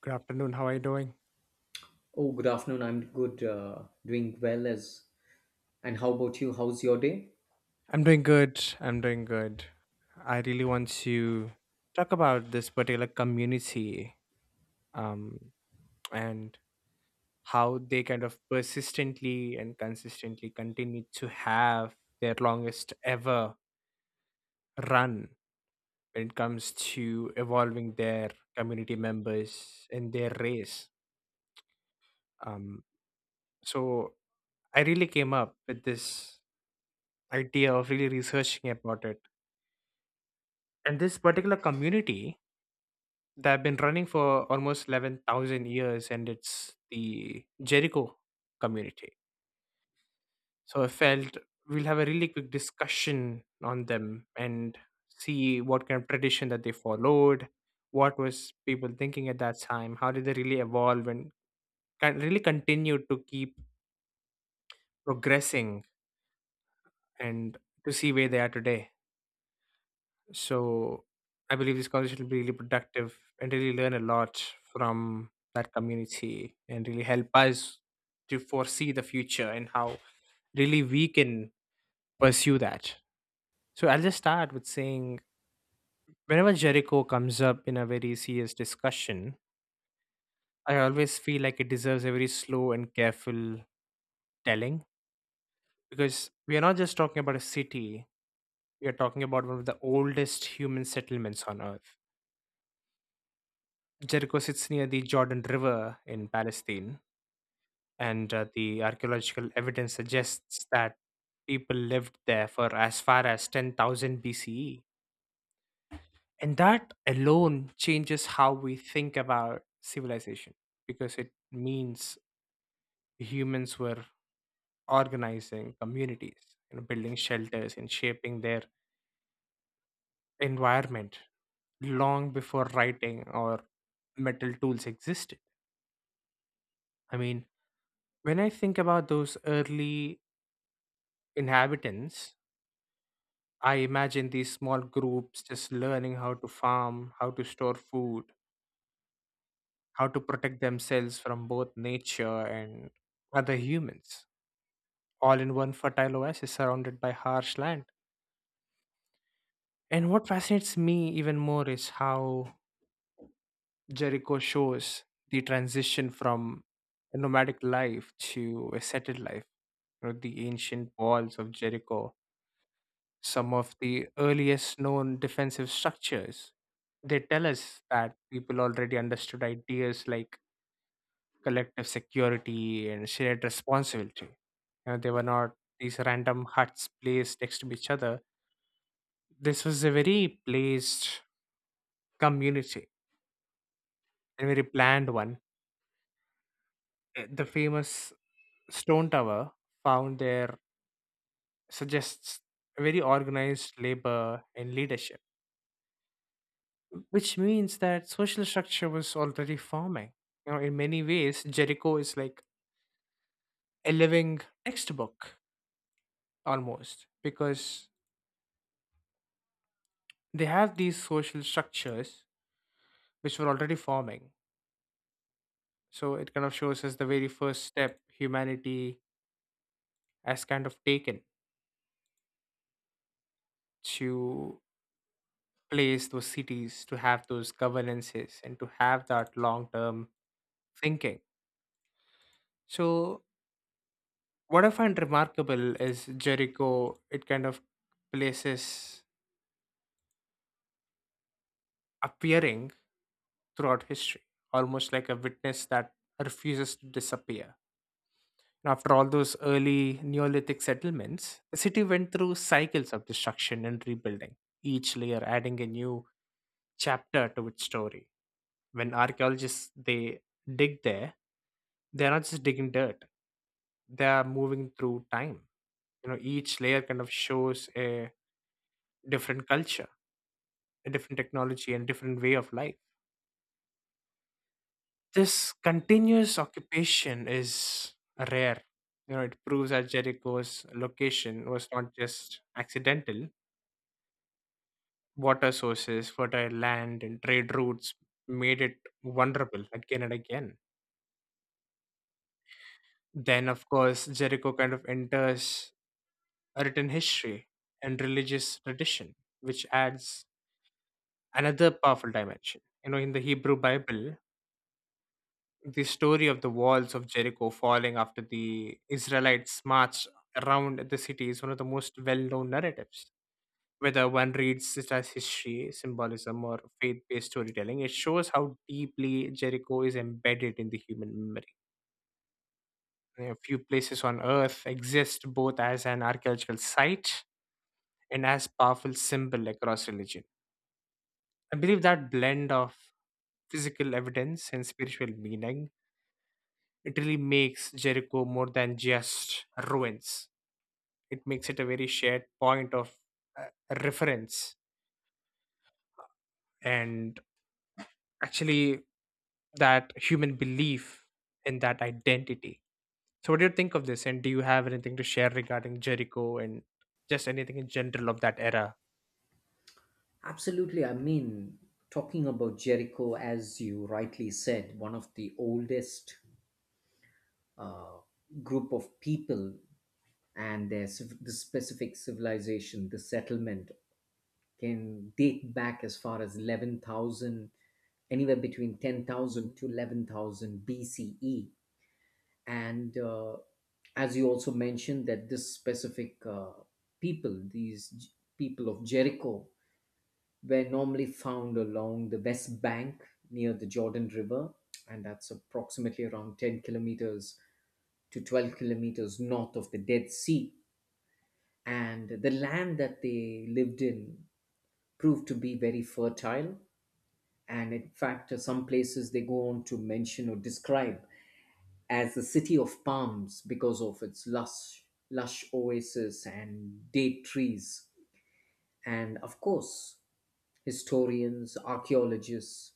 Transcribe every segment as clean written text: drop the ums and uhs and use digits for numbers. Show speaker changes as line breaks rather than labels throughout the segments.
Good afternoon. How are you doing?
Oh, good afternoon. I'm good, doing well as. And how about you? How's your day?
I'm doing good. I'm doing good. I really want to talk about this particular community um, and how they kind of persistently and consistently continue to have their longest ever run when it comes to evolving their community members in their race. Um, so I really came up with this idea of really researching about it. And this particular community that have been running for almost 11,000 years, and it's the Jericho community. So I felt we'll have a really quick discussion on them and see what kind of tradition that they followed, what was people thinking at that time, how did they really evolve and can really continue to keep progressing and to see where they are today. So I believe this conversation will be really productive and really learn a lot from that community and really help us to foresee the future and how really we can pursue that. So I'll just start with saying, whenever Jericho comes up in a very serious discussion, I always feel like it deserves a very slow and careful telling, because we are not just talking about a city, we are talking about one of the oldest human settlements on earth. Jericho sits near the Jordan River in Palestine, and the archaeological evidence suggests that people lived there for as far as 10,000 BCE. And that alone changes how we think about civilization, because it means humans were organizing communities, you know, building shelters and shaping their environment long before writing or metal tools existed. I mean, when I think about those early inhabitants, I imagine these small groups just learning how to farm, how to store food, how to protect themselves from both nature and other humans, all in one fertile oasis surrounded by harsh land. And what fascinates me even more is how Jericho shows the transition from a nomadic life to a settled life. You know, the ancient walls of Jericho, some of the earliest known defensive structures, they tell us that people already understood ideas like collective security and shared responsibility. You know, they were not these random huts placed next to each other. This was a very placed community, a very planned one. The famous stone tower found there suggests a very organized labor and leadership, which means that social structure was already forming. You know, in many ways, Jericho is like a living textbook, almost, because they have these social structures which were already forming. So it kind of shows us the very first step humanity has kind of taken to place those cities, to have those governances, and to have that long term thinking. So, what I find remarkable is Jericho, it kind of places appearing throughout history, almost like a witness that refuses to disappear. And after all those early Neolithic settlements, the city went through cycles of destruction and rebuilding, each layer adding a new chapter to its story. When archaeologists they dig there, they are not just digging dirt; they are moving through time. You know, each layer kind of shows a different culture, a different technology, and different way of life. This continuous occupation is rare. You know, it proves that Jericho's location was not just accidental. Water sources, fertile land, and trade routes made it vulnerable again and again. Then, of course, Jericho kind of enters written history and religious tradition, which adds another powerful dimension. You know, in the Hebrew Bible, the story of the walls of Jericho falling after the Israelites marched around the city is one of the most well known narratives. Whether one reads it as history, symbolism, or faith based storytelling, it shows how deeply Jericho is embedded in the human memory. A few places on earth exist both as an archaeological site and as powerful symbol across religion. I believe that blend of physical evidence and spiritual meaning, it really makes Jericho more than just ruins. It makes it a very shared point of uh, reference, and actually that human belief in that identity. So what do you think of this, and do you have anything to share regarding Jericho and just anything in general of that era?
Absolutely. I mean, talking about Jericho, as you rightly said, one of the oldest uh, group of people and their the specific civilization, the settlement can date back as far as 11,000, anywhere between 10,000 to 11,000 BCE. And as you also mentioned that this specific people, these people of Jericho were normally found along the West Bank near the Jordan River, and that's approximately around 10 kilometers to 12 kilometers north of the Dead Sea. And the land that they lived in proved to be very fertile. And in fact, some places they go on to mention or describe as the city of palms, because of its lush, lush oasis and date trees. And of course, historians, archaeologists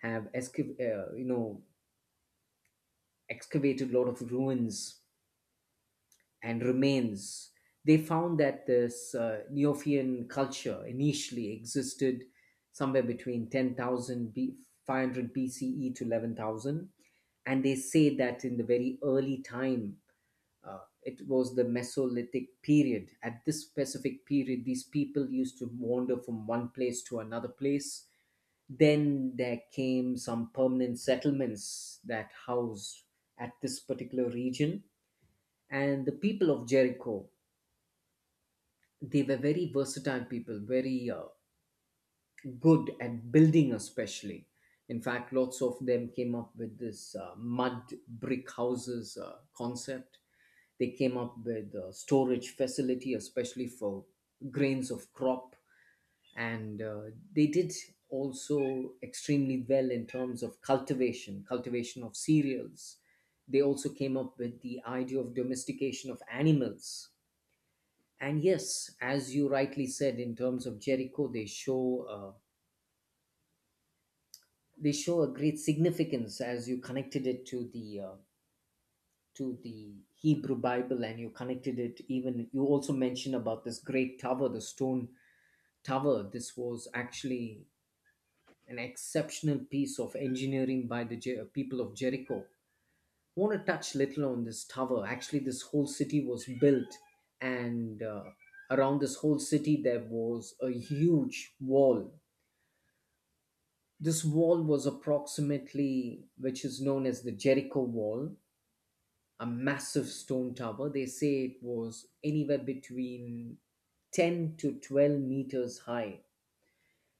have excavated a lot of ruins and remains. They found that this Neophian culture initially existed somewhere between 10,500 BCE to 11,000. And they say that in the very early time, it was the Mesolithic period. At this specific period, these people used to wander from one place to another place. Then there came some permanent settlements that housed at this particular region. And the people of Jericho, they were very versatile people, very good at building, especially. In fact, lots of them came up with this mud brick houses concept. They came up with a storage facility, especially for grains of crop, and they did also extremely well in terms of cultivation, cultivation of cereals. They also came up with the idea of domestication of animals. And yes, as you rightly said, in terms of Jericho, they show a great significance, as you connected it to the to the Hebrew Bible. And you connected it, even you also mentioned about this great tower, the stone tower. This was actually an exceptional piece of engineering by the people of Jericho. I want to touch little on this tower. Actually, this whole city was built, and around this whole city there was a huge wall. This wall was approximately, which is known as the Jericho wall, a massive stone tower. They say it was anywhere between 10 to 12 meters high.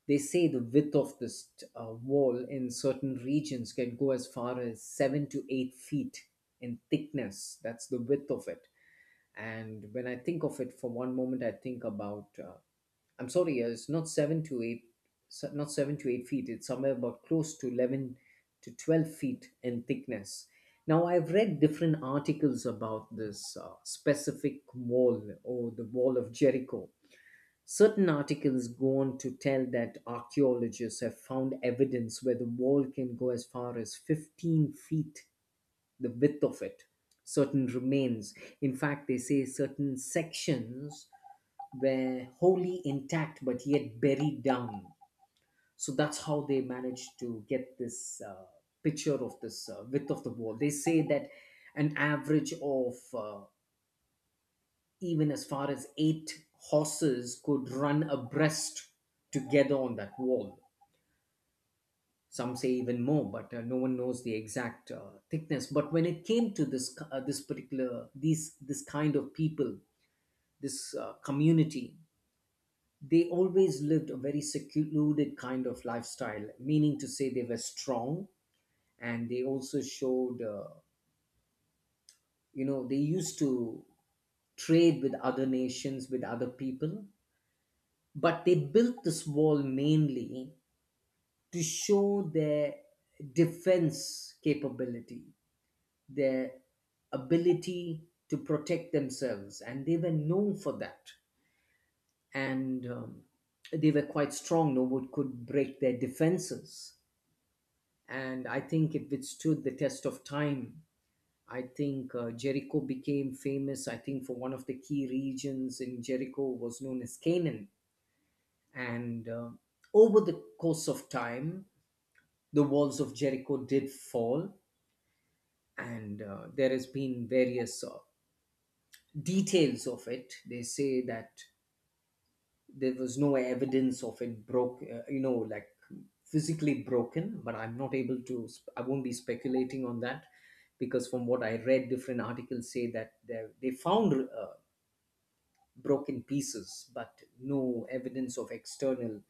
They say the width of this wall in certain regions can go as far as 7 to 8 feet in thickness. That's the width of it. And when I think of it for one moment, I think about I'm sorry, it's not seven to eight, not 7 to 8 feet. It's somewhere about close to 11 to 12 feet in thickness. Now, I've read different articles about this specific wall, or the wall of Jericho. Certain articles go on to tell that archaeologists have found evidence where the wall can go as far as 15 feet, the width of it, certain remains. In fact, they say certain sections were wholly intact but yet buried down. So that's how they managed to get this picture of this width of the wall. They say that an average of even as far as eight horses could run abreast together on that wall. Some say even more, but no one knows the exact thickness. But when it came to this, this particular, this kind of people, this community, they always lived a very secluded kind of lifestyle, meaning to say they were strong. And they also showed, they used to trade with other nations, with other people, but they built this wall mainly to show their defense capability, their ability to protect themselves, and they were known for that. And they were quite strong, no one could break their defenses. And I think it withstood the test of time. I think Jericho became famous. I think for one of the key regions in Jericho was known as Canaan, and over the course of time, the walls of Jericho did fall, and there has been various details of it. They say that there was no evidence of it broke, like physically broken, but I'm not able to I won't be speculating on that, because from what I read, different articles say that they found broken pieces but no evidence of external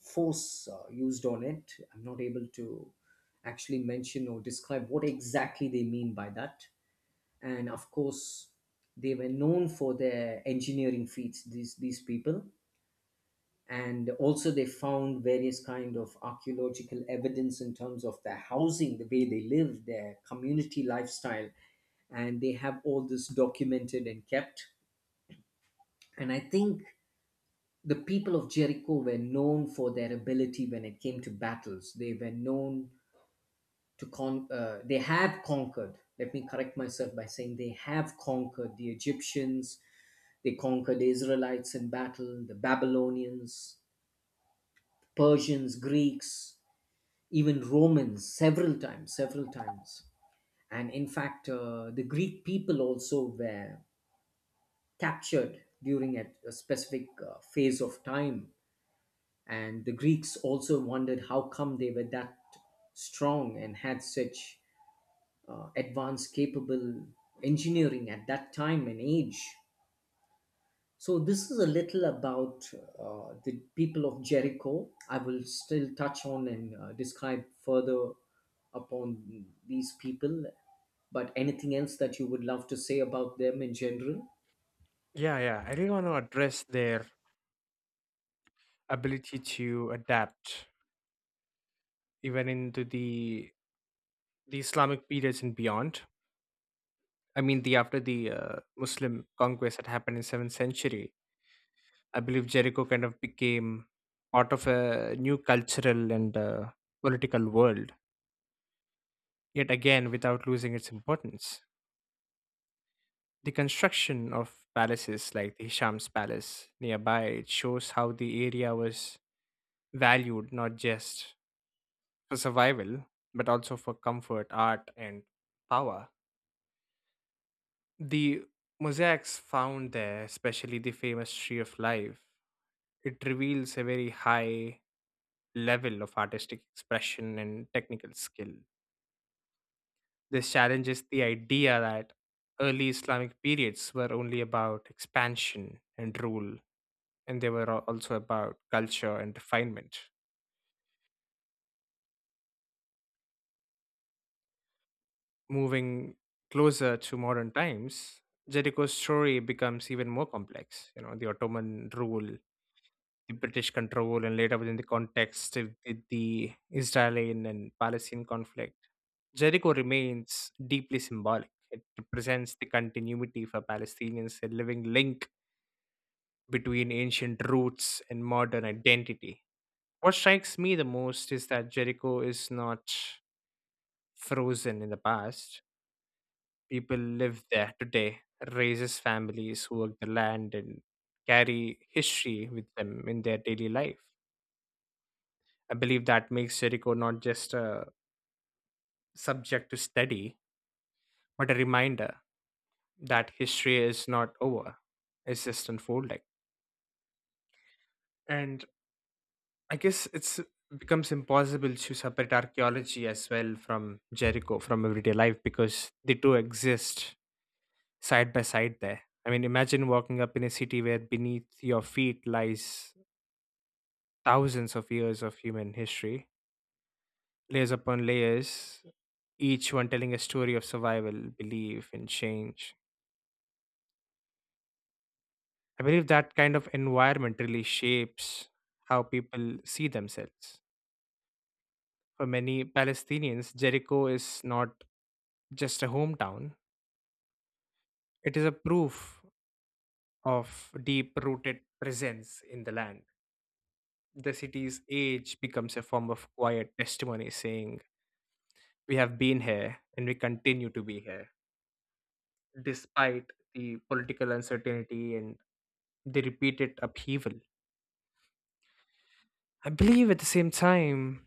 force used on it. I'm not able to actually mention or describe what exactly they mean by that. And of course, they were known for their engineering feats, these people. And also, they found various kind of archaeological evidence in terms of their housing, the way they live, their community lifestyle, and they have all this documented and kept. And I think the people of Jericho were known for their ability when it came to battles. They were known to con they have conquered, let me correct myself by saying they have conquered the Egyptians. They conquered the Israelites in battle, the Babylonians, Persians, Greeks, even Romans, several times, several times. And in fact, the Greek people also were captured during a specific phase of time. And the Greeks also wondered how come they were that strong and had such advanced, capable engineering at that time and age. So this is a little about the people of Jericho. I will still touch on and describe further upon these people. But anything else that you would love to say about them in general?
Yeah, yeah, I really want to address their ability to adapt even into the Islamic periods and beyond. I mean, the after the Muslim conquest that happened in 7th century, I believe Jericho kind of became part of a new cultural and political world, yet again without losing its importance. The construction of palaces like the Hisham's Palace nearby, it shows how the area was valued not just for survival but also for comfort, art, and power. The mosaics found there, especially the famous Tree of Life, it reveals a very high level of artistic expression and technical skill. This challenges the idea that early Islamic periods were only about expansion and rule, and they were also about culture and refinement. Moving closer to modern times, Jericho's story becomes even more complex. You know, the Ottoman rule, the British control, and later within the context of the Israeli and Palestinian conflict. Jericho remains deeply symbolic. It represents the continuity for Palestinians, a living link between ancient roots and modern identity. What strikes me the most is that Jericho is not frozen in the past. People live there today, raises families, who work the land, and carry history with them in their daily life. I believe that makes Jericho not just a subject to study, but a reminder that history is not over, it's just unfolding. And I guess it's becomes impossible to separate archaeology as well from Jericho from everyday life, because they do exist side by side there. I mean, imagine walking up in a city where beneath your feet lies thousands of years of human history, layers upon layers, each one telling a story of survival, belief, and change. I believe that kind of environment really shapes how people see themselves. For many Palestinians, Jericho is not just a hometown, it is a proof of deep rooted presence in the land. The city's age becomes a form of quiet testimony saying, we have been here and we continue to be here, despite the political uncertainty and the repeated upheaval. I believe at the same time,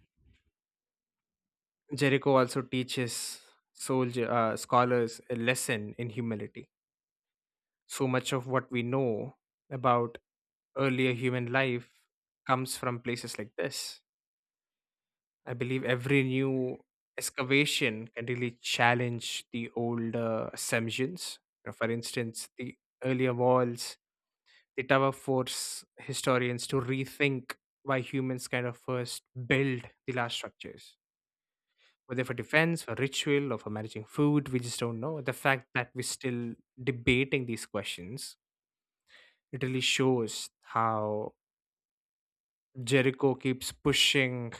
Jericho also teaches soldier, scholars a lesson in humility. So much of what we know about earlier human life comes from places like this. I believe every new excavation can really challenge the old assumptions. You know, for instance, the earlier walls, the tower force historians to rethink why humans kind of first build the last structures. Whether for defense, for ritual, or for managing food, we just don't know. The fact that we're still debating these questions, it really shows how Jericho keeps pushing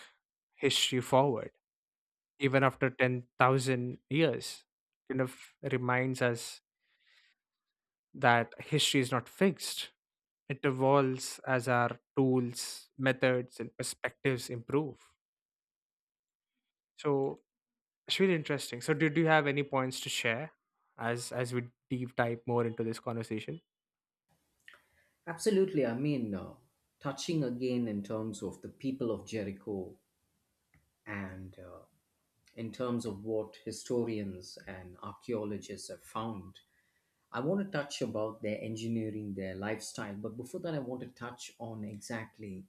history forward even after 10,000 years, kind of reminds us that history is not fixed. It evolves as our tools, methods, and perspectives improve. So it's really interesting. So, did you have any points to share as we deep dive more into this conversation?
Absolutely. I mean, touching again in terms of the people of Jericho, and in terms of what historians and archaeologists have found. I want to touch about their engineering, their lifestyle, but before that, I want to touch on exactly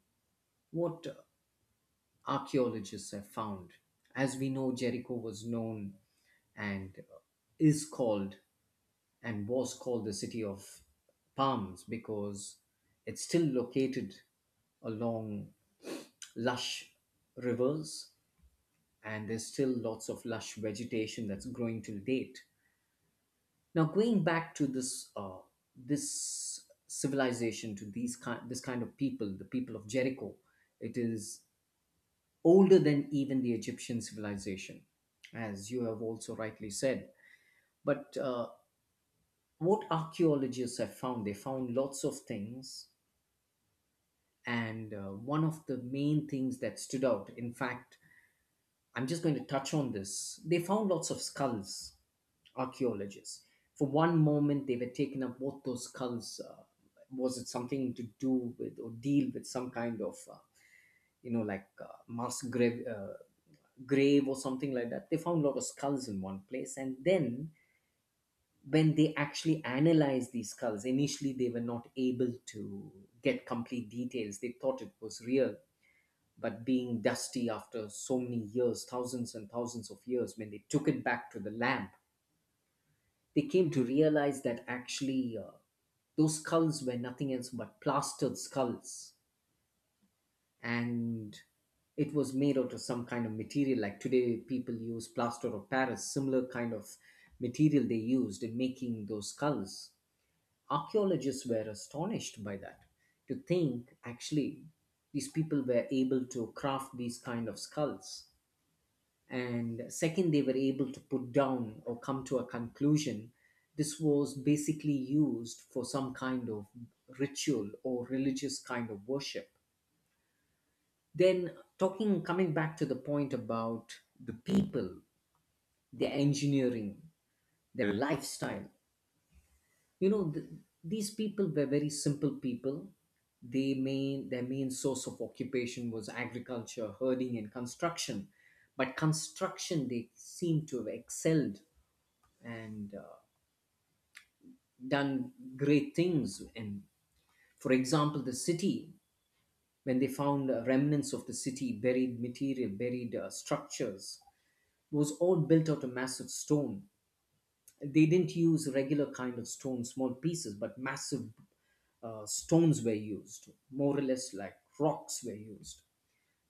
what archaeologists have found. As we know, Jericho was known and is called and was called the city of palms, because it's still located along lush rivers, and there's still lots of lush vegetation that's growing till date. Now, going back to this this civilization, to these kind this kind of people, the people of Jericho, it is older than even the Egyptian civilization, as you have also rightly said. But what archaeologists have found, they found lots of things. And one of the main things that stood out, in fact, I'm just going to touch on this. They found lots of skulls, archaeologists. For one moment, they were taken up what those skulls was it something to do with or deal with some kind of, like mass grave. Grave or something like that. They found a lot of skulls in one place. And then when they actually analyzed these skulls, initially they were not able to get complete details. They thought it was real. But being dusty after so many years, thousands and thousands of years, when they took it back to the lab, they came to realize that actually those skulls were nothing else but plastered skulls. And it was made out of some kind of material, like today people use plaster of paris, similar kind of material they used in making those skulls. Archaeologists were astonished by that, to think actually these people were able to craft these kind of skulls. And second, they were able to put down or come to a conclusion, this was basically used for some kind of ritual or religious kind of worship. Then talking, coming back to the point about the people, their engineering, their lifestyle. You know, these people were very simple people. They main their main source of occupation was agriculture, herding, and construction. But construction, they seem to have excelled, and done great things. And for example, the city, when they found remnants of the city, buried material, buried structures, was all built out of massive stone. They didn't use regular kind of stone, small pieces, but massive stones were used, more or less like rocks were used.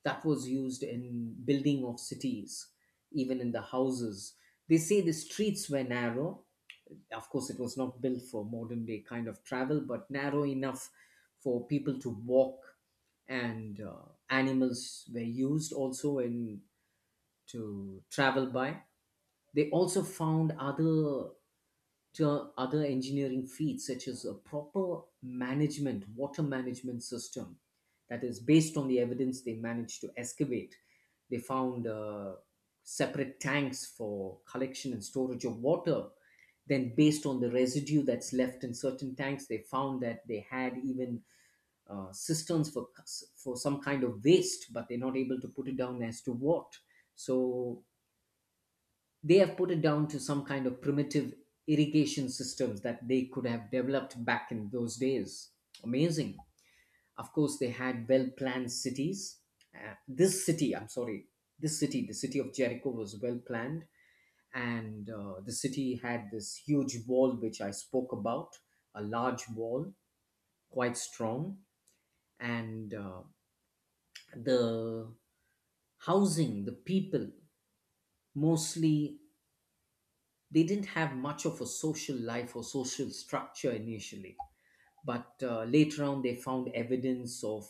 That was used in building of cities, even in the houses. They say the streets were narrow. Of course, it was not built for modern day kind of travel, but narrow enough for people to walk, and animals were used also in to travel by. They also found to other engineering feats such as a proper management water management system that is based on the evidence they managed to excavate. They found separate tanks for collection and storage of water. Then, based on the residue that's left in certain tanks, they found that they had even cisterns for some kind of waste, but they're not able to put it down as to what. So they have put it down to some kind of primitive irrigation systems that they could have developed back in those days. Amazing. Of course, they had well planned cities. This city, the city of Jericho was well planned, and the city had this huge wall which I spoke about, a large wall, quite strong, and the housing, the people, mostly they didn't have much of a social life or social structure initially, but later on they found evidence of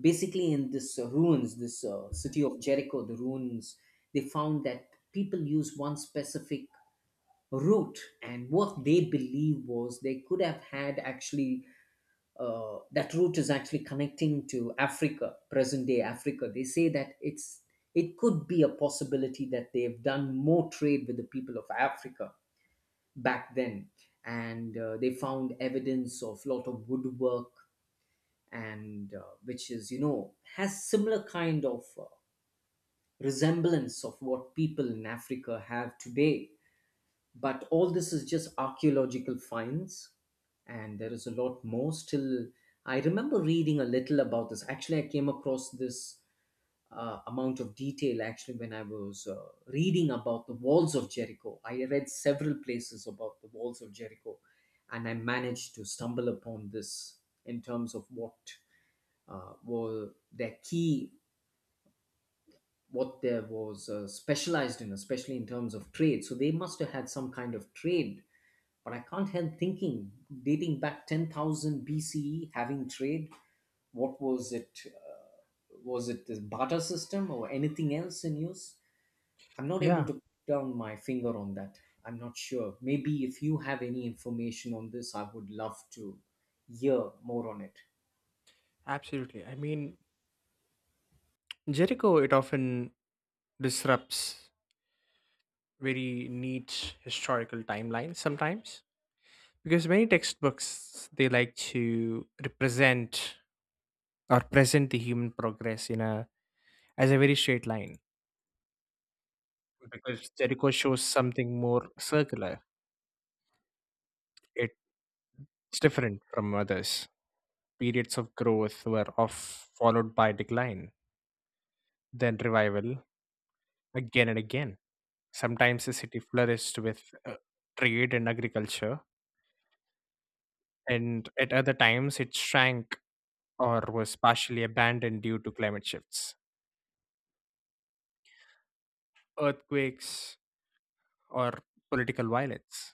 basically in this city of Jericho, the ruins. They found that people used one specific route, and what they believe was they could have had actually. That route is actually connecting to Africa, present day Africa. They say that it could be a possibility that they've done more trade with the people of Africa back then, and they found evidence of lot of woodwork, and which is, you know, has similar kind of resemblance of what people in africa have today. But all this is just archaeological finds, and there is a lot more still. I remember reading a little about this. Actually, I came across this amount of detail actually when I was reading about the walls of Jericho. I read several places about the walls of Jericho, and I managed to stumble upon this in terms of what uh, were their key, what there was specialized in, especially in terms of trade. So they must have had some kind of trade. But I can't help thinking, dating back 10,000 BCE, having trade, what was it? Was it the barter system or anything else in use? I'm not able
Yeah.
to put down my finger on that. I'm not sure. Maybe if you have any information on this, I would love to hear more on it.
Absolutely. I mean, Jericho, it often disrupts very neat historical timelines sometimes, because many textbooks they like to represent or present the human progress in a as a very straight line, because Jericho shows something more circular. It's different from others. Periods of growth were off followed by decline, then revival again and again. Sometimes the city flourished with trade and agriculture, and at other times it shrank or was partially abandoned due to climate shifts, earthquakes, or political violence.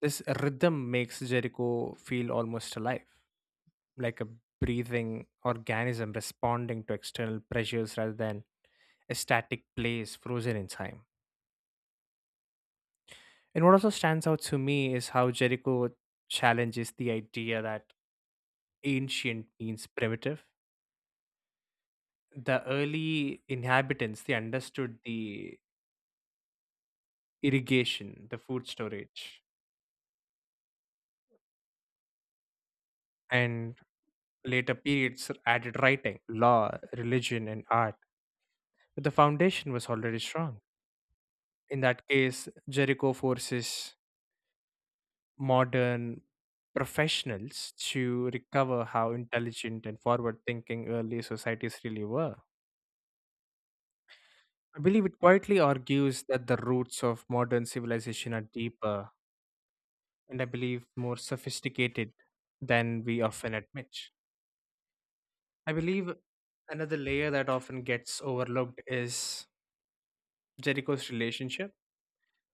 This rhythm makes Jericho feel almost alive, like a breathing organism responding to external pressures rather than a static place frozen in time. And what also stands out to me is how Jericho challenges the idea that ancient means primitive. The early inhabitants they understood the irrigation, the food storage, and later periods added writing, law, religion, and art. But the foundation was already strong. In that case, Jericho forces modern professionals to recover how intelligent and forward thinking early societies really were. I believe it quietly argues that the roots of modern civilization are deeper, and I believe more sophisticated than we often admit. I believe another layer that often gets overlooked is Jericho's relationship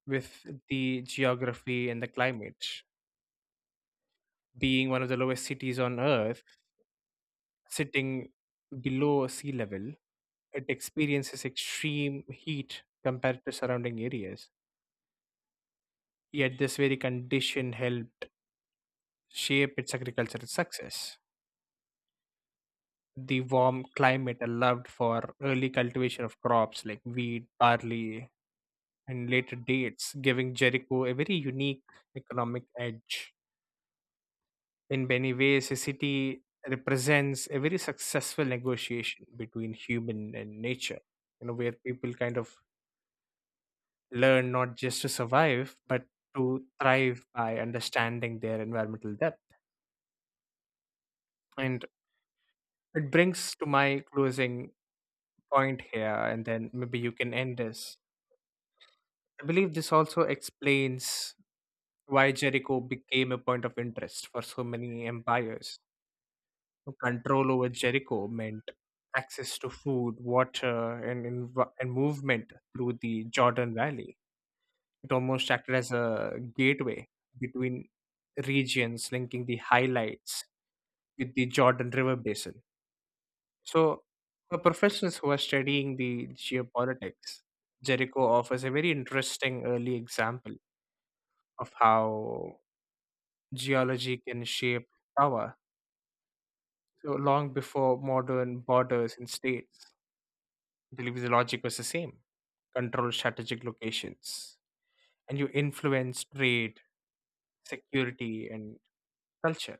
with the geography and the climate. Being one of the lowest cities on Earth, sitting below sea level, it experiences extreme heat compared to surrounding areas. Yet, this very condition helped shape its agricultural success. The warm climate allowed for early cultivation of crops like wheat, barley, and later dates, giving Jericho a very unique economic edge. In many ways, the city represents a very successful negotiation between human and nature, where people kind of learn not just to survive, but to thrive by understanding their environmental depth. And it brings to my closing point here, and then maybe you can end this. I believe this also explains why Jericho became a point of interest for so many empires. Control over Jericho meant access to food, water, and, and movement through the Jordan Valley. It almost acted as a gateway between regions, linking the highlights with the Jordan River basin. So, for professionals who are studying the geopolitics, Jericho offers a very interesting early example of how geology can shape power. So long before modern borders and states. I believe the logic was the same, control strategic locations and you influence trade, security, and culture.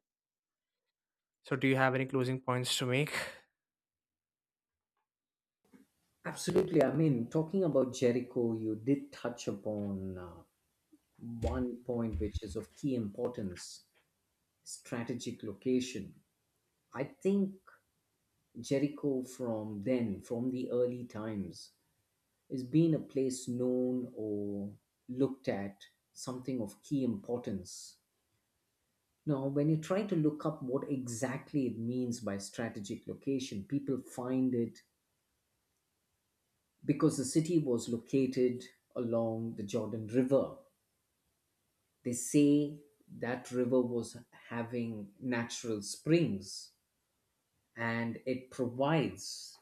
So do you have any closing points to make?
Absolutely. I mean, talking about Jericho, you did touch upon one point which is of key importance, strategic location. I think Jericho from then, from the early times, has been a place known or looked at something of key importance. Now, when you try to look up what exactly it means by strategic location, people find it because the city was located along the Jordan River. They say that river was having natural springs, and it provides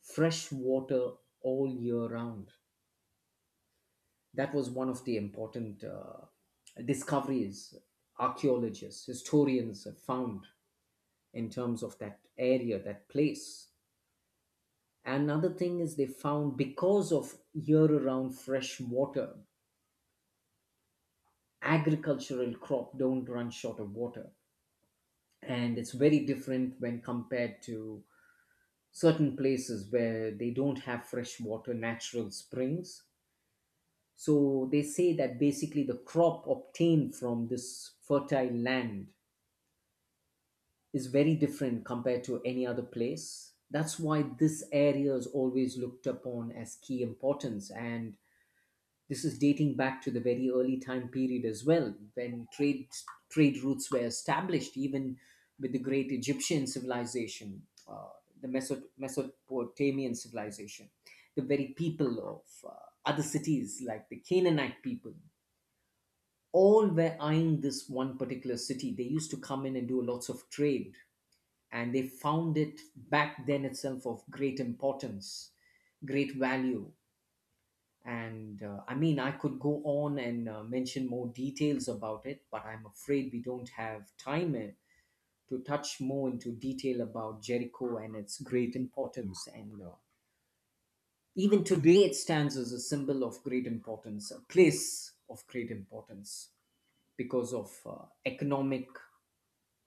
fresh water all year round. That was one of the important discoveries archaeologists, historians have found in terms of that area, that place. Another thing is they found because of year-round fresh water, agricultural crop don't run short of water, and it's very different when compared to certain places where they don't have fresh water, natural springs. So they say that basically the crop obtained from this fertile land is very different compared to any other place. That's why this area is always looked upon as key importance. And this is dating back to the very early time period as well, when trade routes were established, even with the great Egyptian civilization, the Mesopotamian civilization, the very people of other cities like the Canaanite people, all were eyeing this one particular city. They used to come in and do lots of trade, and they found it back then itself of great importance, great value. And I mean, I could go on and mention more details about it, but I'm afraid we don't have time to touch more into detail about Jericho and its great importance. And even today, it stands as a symbol of great importance, a place of great importance because of economic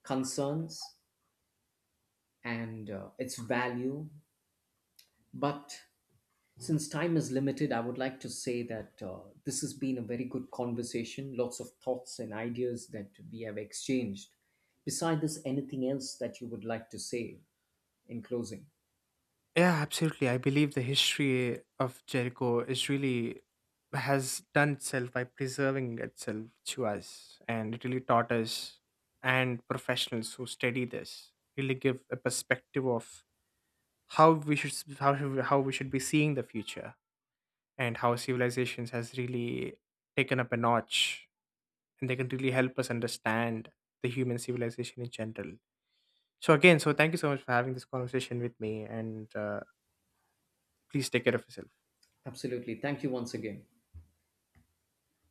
concerns and its value. But since time is limited, I would like to say that this has been a very good conversation, lots of thoughts and ideas that we have exchanged. Besides this, anything else that you would like to say in closing?
Yeah, absolutely. I believe the history of Jericho is really has done itself by preserving itself to us, and it really taught us and professionals who study this, really give a perspective of how we should how we should be seeing the future, and how civilizations has really taken up a notch, and they can really help us understand the human civilization in general. So again, so thank you so much for having this conversation with me, and please take care of yourself.
Absolutely. Thank you once again.